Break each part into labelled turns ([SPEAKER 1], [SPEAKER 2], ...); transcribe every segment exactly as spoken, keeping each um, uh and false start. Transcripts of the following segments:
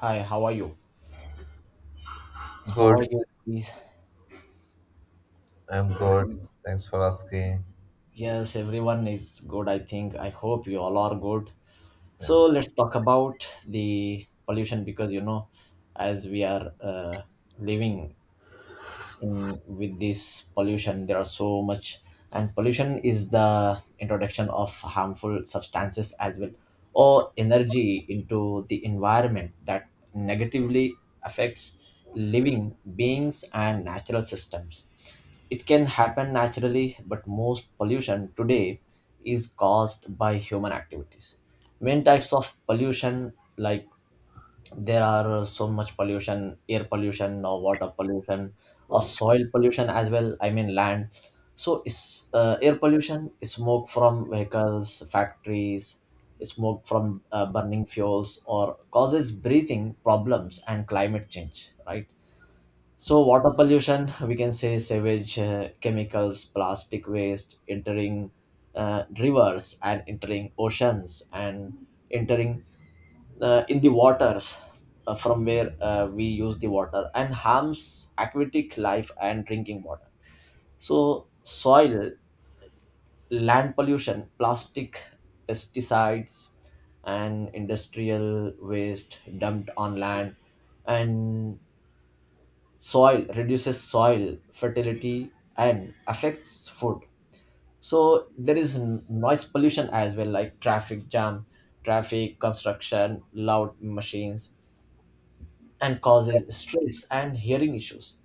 [SPEAKER 1] Hi, how are you? How are
[SPEAKER 2] Good.
[SPEAKER 1] you, please?
[SPEAKER 2] I'm
[SPEAKER 1] I think,
[SPEAKER 2] good. Thanks for asking.
[SPEAKER 1] yes, everyone is good. I think I hope you all are good.
[SPEAKER 2] Yeah.
[SPEAKER 1] So let's talk about the pollution because you know, as we are uh, living in with this pollution, there are so much, and pollution is the introduction of harmful substances as well or energy into the environment that negatively affects living beings and natural systems. It can happen naturally, but most pollution today is caused by human activities. Main types of pollution, like there are so much pollution, air pollution or water pollution or soil pollution as well. I mean land. So is uh, air pollution, is smoke from vehicles, factories, smoke from uh, burning fuels, or causes breathing problems and climate change, right? So, water pollution, we can say sewage, uh, chemicals, plastic waste entering uh, rivers and entering oceans and entering uh, in the waters uh, from where uh, we use the water and harms aquatic life and drinking water. So, soil, land pollution, plastic, pesticides, and industrial waste dumped on land and soil reduces soil fertility and affects food. So there is n- noise pollution as well, like traffic jam, traffic construction, loud machines, and causes stress and hearing issues.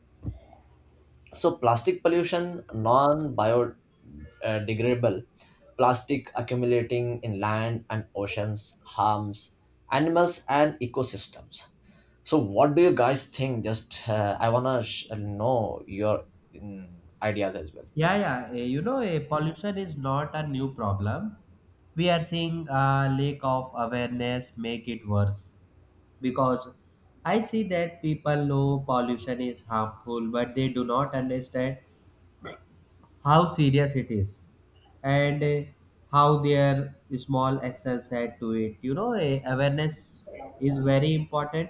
[SPEAKER 1] So plastic pollution, non biodegradable plastic accumulating in land and oceans harms animals and ecosystems. So what do you guys think? Just uh, I want to sh- know your mm, ideas as well.
[SPEAKER 3] Yeah, yeah. eh, You know, eh, pollution is not a new problem. We are seeing a lack of awareness make it worse because I see that people know pollution is harmful, but they do not understand how serious it is, and uh, how their small actions add to it. You know, uh, awareness is very important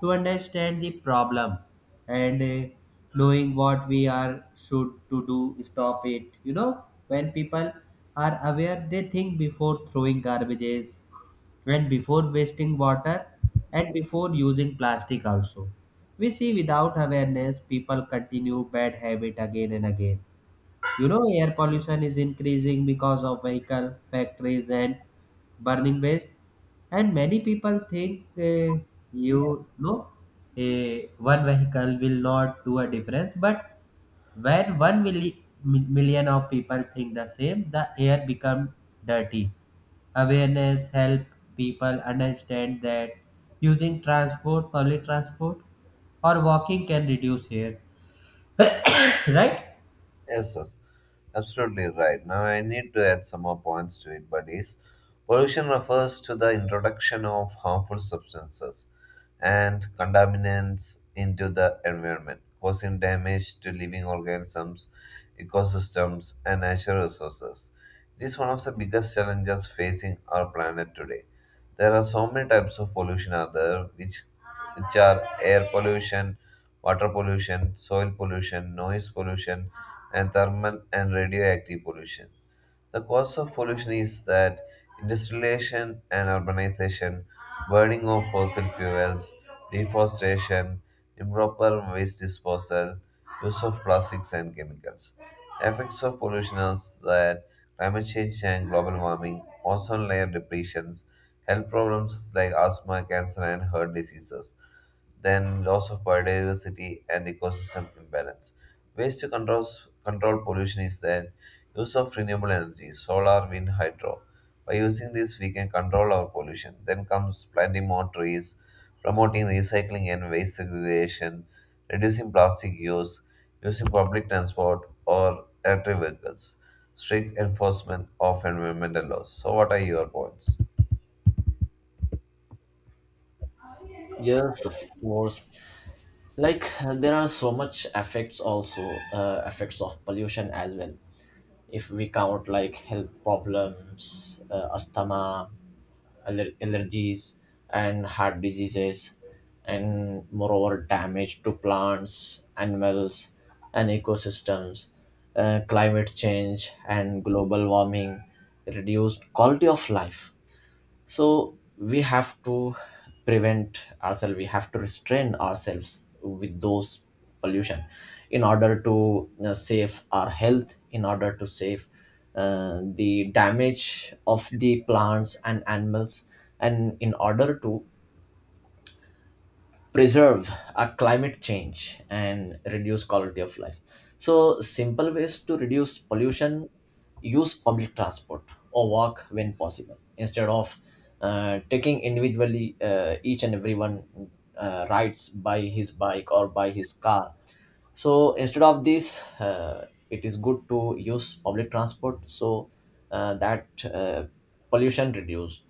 [SPEAKER 3] to understand the problem and uh, knowing what we are should to do stop it. You know, when people are aware, they think before throwing garbages, and before wasting water, and before using plastic also. We see without awareness people continue bad habit again and again. You know, air pollution is increasing because of vehicle, factories, and burning waste. And many people think, uh, you know, eh, one vehicle will not do a difference. But when one milli- mi- million of people think the same, the air become dirty. Awareness help people understand that using transport, public transport, or walking can reduce air. Right?
[SPEAKER 2] Yes, yes. Absolutely right. Now I need to add some more points to it, buddies. Pollution refers to the introduction of harmful substances and contaminants into the environment, causing damage to living organisms, ecosystems, and natural resources. It is one of the biggest challenges facing our planet today. There are so many types of pollution out there, which, which are air pollution, water pollution, soil pollution, noise pollution, and thermal and radioactive pollution. The cause of pollution is that industrialization and urbanization, burning of fossil fuels, deforestation, improper waste disposal, use of plastics and chemicals. Effects of pollution are that climate change and global warming, ozone layer depletions, health problems like asthma, cancer, and heart diseases, then loss of biodiversity and ecosystem imbalance. Ways to control, control pollution is that use of renewable energy, solar, wind, hydro. By using this, we can control our pollution. Then comes planting more trees, promoting recycling and waste segregation, reducing plastic use, using public transport or electric vehicles, strict enforcement of environmental laws. So, what are your points?
[SPEAKER 1] Yes, of course. Like uh, there are so much effects also, uh, effects of pollution as well. If we count, like health problems, uh, asthma, aller- allergies, and heart diseases, and moreover damage to plants, animals, and ecosystems, uh, climate change and global warming, reduced quality of life. So we have to prevent ourselves, we have to restrain ourselves with those pollution in order to uh, save our health, in order to save uh, the damage of the plants and animals, and in order to preserve our climate change and reduce quality of life. So simple ways to reduce pollution: use public transport or walk when possible instead of uh, taking individually, uh, each and everyone uh, rides by his bike or by his car. So instead of this, uh, it is good to use public transport so uh, that uh, pollution reduced,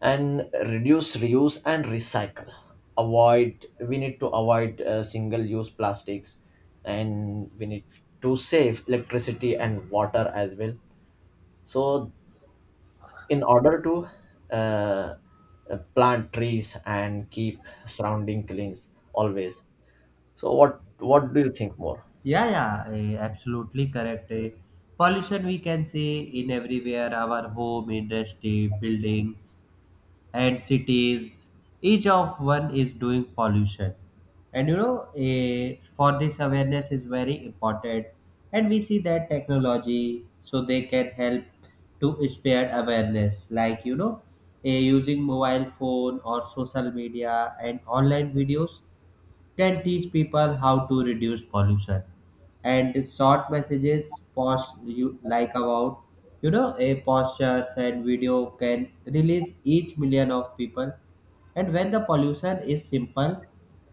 [SPEAKER 1] and reduce, reuse, and recycle. Avoid we need to avoid uh, single use plastics, and we need to save electricity and water as well. So in order to uh, uh, plant trees and keep surrounding clean always. So what what do you think more?
[SPEAKER 3] Yeah, yeah, eh, absolutely correct. eh. Pollution we can say in everywhere, our home, industry, buildings, and cities. Each of one is doing pollution, and you know, eh, for this awareness is very important. And we see that technology, so they can help to spread awareness, like you know, eh, using mobile phone or social media and online videos can teach people how to reduce pollution, and the short messages post you like about, you know, a postures and video can release each million of people. And when the pollution is simple,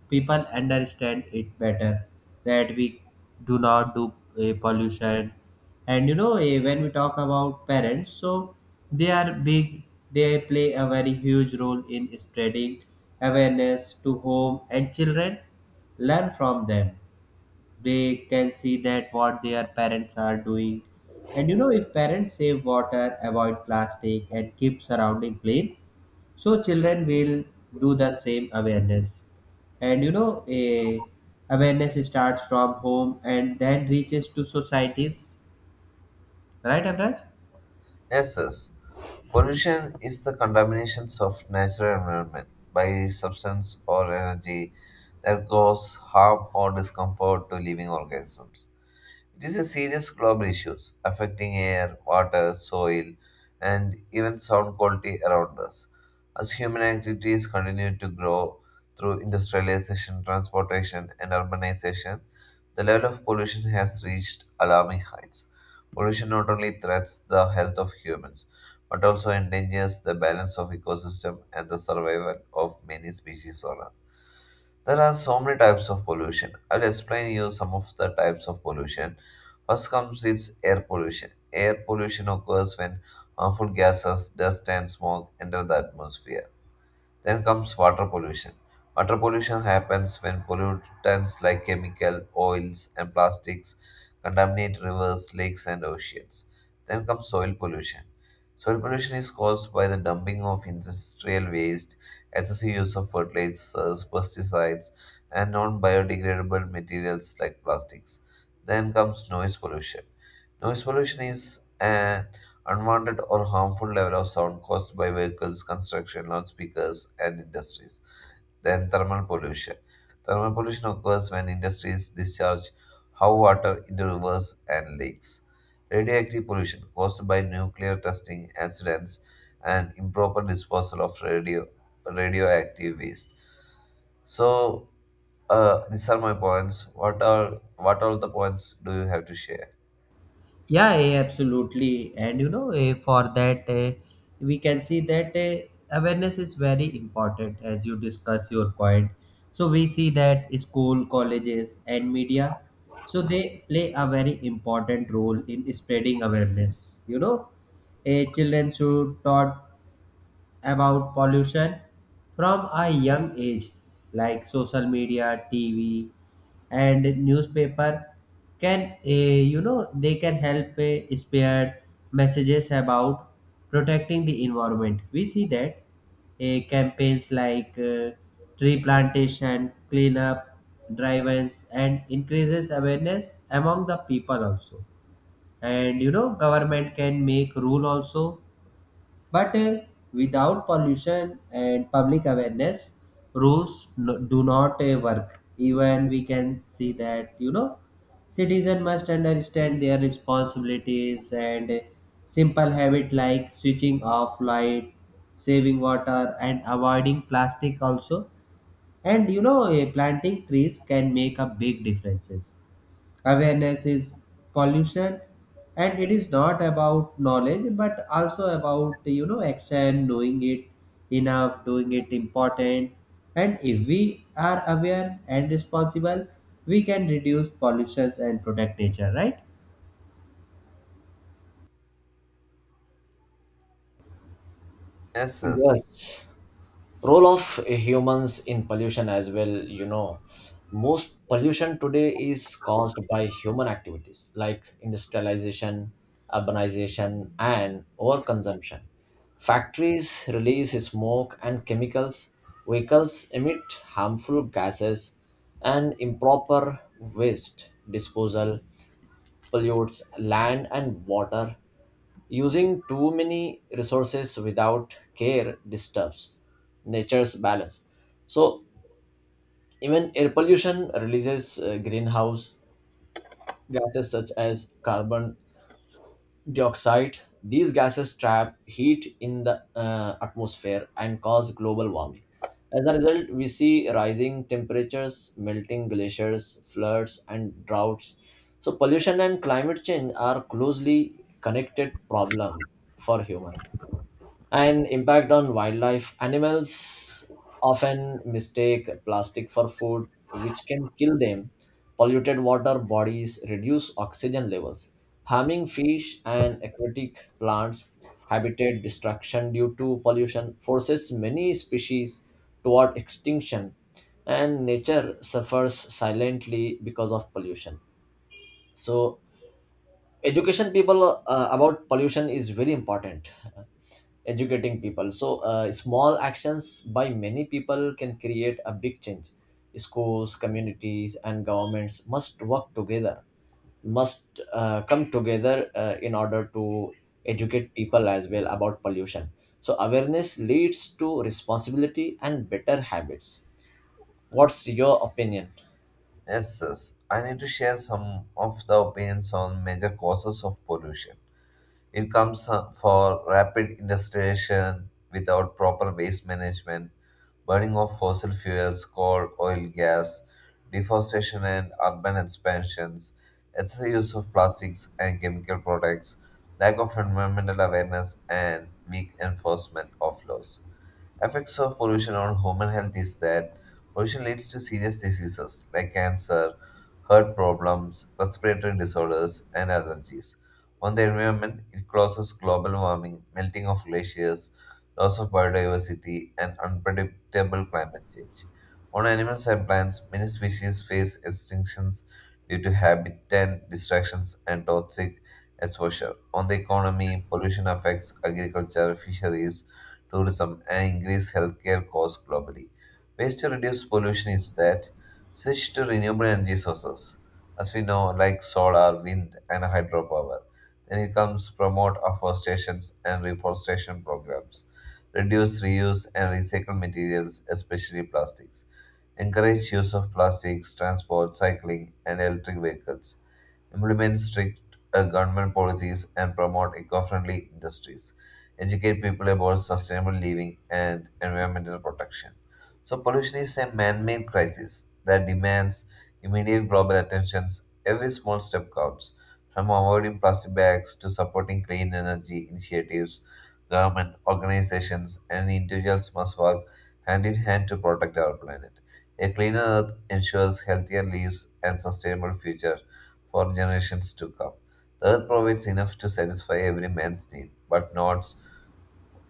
[SPEAKER 3] people understand it better, that we do not do a pollution. And you know, eh, when we talk about parents, so they are big, they play a very huge role in spreading awareness to home, and children learn from them. They can see that what their parents are doing, and you know, if parents save water, avoid plastic, and keep surrounding clean, so children will do the same awareness. And you know, a awareness starts from home and then reaches to societies, right, abraj?
[SPEAKER 2] Yes, yes. Pollution is the contaminations of natural environment by substance or energy that cause harm or discomfort to living organisms. It is a serious global issue affecting air, water, soil, and even sound quality around us. As human activities continue to grow through industrialization, transportation, and urbanization, the level of pollution has reached alarming heights. Pollution not only threatens the health of humans, but also endangers the balance of ecosystem and the survival of many species on Earth. There are so many types of pollution. I'll explain you some of the types of pollution. First comes its air pollution. Air pollution occurs when harmful gases, dust, and smoke enter the atmosphere. Then comes water pollution. Water pollution happens when pollutants like chemical, oils, and plastics contaminate rivers, lakes, and oceans. Then comes soil pollution. Soil pollution is caused by the dumping of industrial waste, excessive use of fertilizers, pesticides, and non biodegradable materials like plastics. Then comes noise pollution. Noise pollution is uh, unwanted or harmful level of sound caused by vehicles, construction, loudspeakers, and industries. Then thermal pollution. Thermal pollution occurs when industries discharge hot water into rivers and lakes. Radioactive pollution caused by nuclear testing accidents and improper disposal of radio radioactive waste. So, uh, these are my points. What are what are the points do you have to share?
[SPEAKER 3] Yeah, yeah, absolutely. And you know, eh, for that, eh, we can see that eh, awareness is very important as you discuss your point. So, we see that school, colleges, and media, so they play a very important role in spreading awareness. You know, a children should taught about pollution from a young age, like social media, T V, and newspaper can uh, you know, they can help uh, spread messages about protecting the environment. We see that uh, campaigns like uh, tree plantation, cleanup drive-ins, and increases awareness among the people also. And you know, government can make rule also, but uh, without pollution and public awareness, rules no, do not uh, work. Even we can see that, you know, citizens must understand their responsibilities, and uh, simple habit like switching off light, saving water, and avoiding plastic also. And you know, uh, planting trees can make a big differences. Awareness is pollution, and it is not about knowledge but also about, you know, action. Knowing it enough, doing it important. And if we are aware and responsible, we can reduce pollutions and protect nature, right?
[SPEAKER 2] Yes, yes.
[SPEAKER 1] Yes, role of humans in pollution as well, you know. Most pollution today is caused by human activities like industrialization, urbanization, and overconsumption. Factories release smoke and chemicals, vehicles emit harmful gases, and improper waste disposal pollutes land and water. Using too many resources without care disturbs nature's balance. So even air pollution releases uh, greenhouse gases such as carbon dioxide. These gases trap heat in the uh, atmosphere and cause global warming. As a result, we see rising temperatures, melting glaciers, floods, and droughts. So pollution and climate change are closely connected problems for humans. And impact on wildlife, animals often mistake plastic for food, which can kill them. Polluted water bodies reduce oxygen levels, harming fish and aquatic plants. Habitat destruction due to pollution forces many species toward extinction, and nature suffers silently because of pollution. So education people uh, about pollution is very important, educating people. So uh, small actions by many people can create a big change. Schools, communities, and governments must work together, must uh, come together uh, in order to educate people as well about pollution. So awareness leads to responsibility and better habits. What's your opinion?
[SPEAKER 2] Yes, yes. I need to share some of the opinions on major causes of pollution. It comes uh, for rapid industrialization without proper waste management, burning of fossil fuels, coal, oil, gas, deforestation and urban expansions, excessive use of plastics and chemical products, lack of environmental awareness, and weak enforcement of laws. Effects of pollution on human health is that pollution leads to serious diseases like cancer, heart problems, respiratory disorders, and allergies. On the environment, it causes global warming, melting of glaciers, loss of biodiversity, and unpredictable climate change. On animals and plants, many species face extinctions due to habitat distractions and toxic exposure. On the economy, pollution affects agriculture, fisheries, tourism, and increase healthcare costs globally. Ways to reduce pollution is that switch to renewable energy sources, as we know, like solar, wind, and hydropower. Then it comes promote afforestation and reforestation programs, reduce, reuse, and recycle materials, especially plastics. Encourage use of plastics, transport, cycling, and electric vehicles, implement strict uh, government policies, and promote eco-friendly industries. Educate people about sustainable living and environmental protection. So pollution is a man-made crisis that demands immediate global attention. Every small step counts, from avoiding plastic bags to supporting clean energy initiatives. Government, organizations, and individuals must work hand in hand to protect our planet. A cleaner earth ensures healthier lives and sustainable future for generations to come. The earth provides enough to satisfy every man's need, but not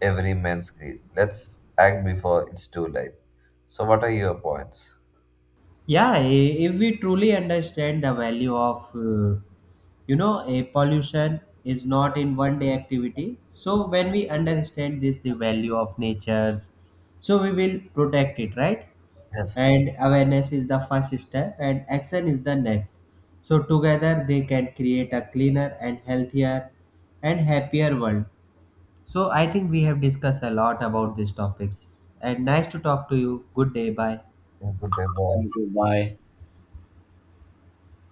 [SPEAKER 2] every man's greed. Let's act before it's too late. So, what are your points?
[SPEAKER 3] Yeah, i- if we truly understand the value of uh, you know, a pollution is not in one day activity, so when we understand this, the value of nature's, so we will protect it, right?
[SPEAKER 2] Yes, yes.
[SPEAKER 3] And awareness is the first step, and action is the next. So together they can create a cleaner and healthier and happier world. So I think we have discussed a lot about these topics, and nice to talk to you. Good day, bye.
[SPEAKER 2] Yeah, good day, bye.
[SPEAKER 1] Thank you, bye.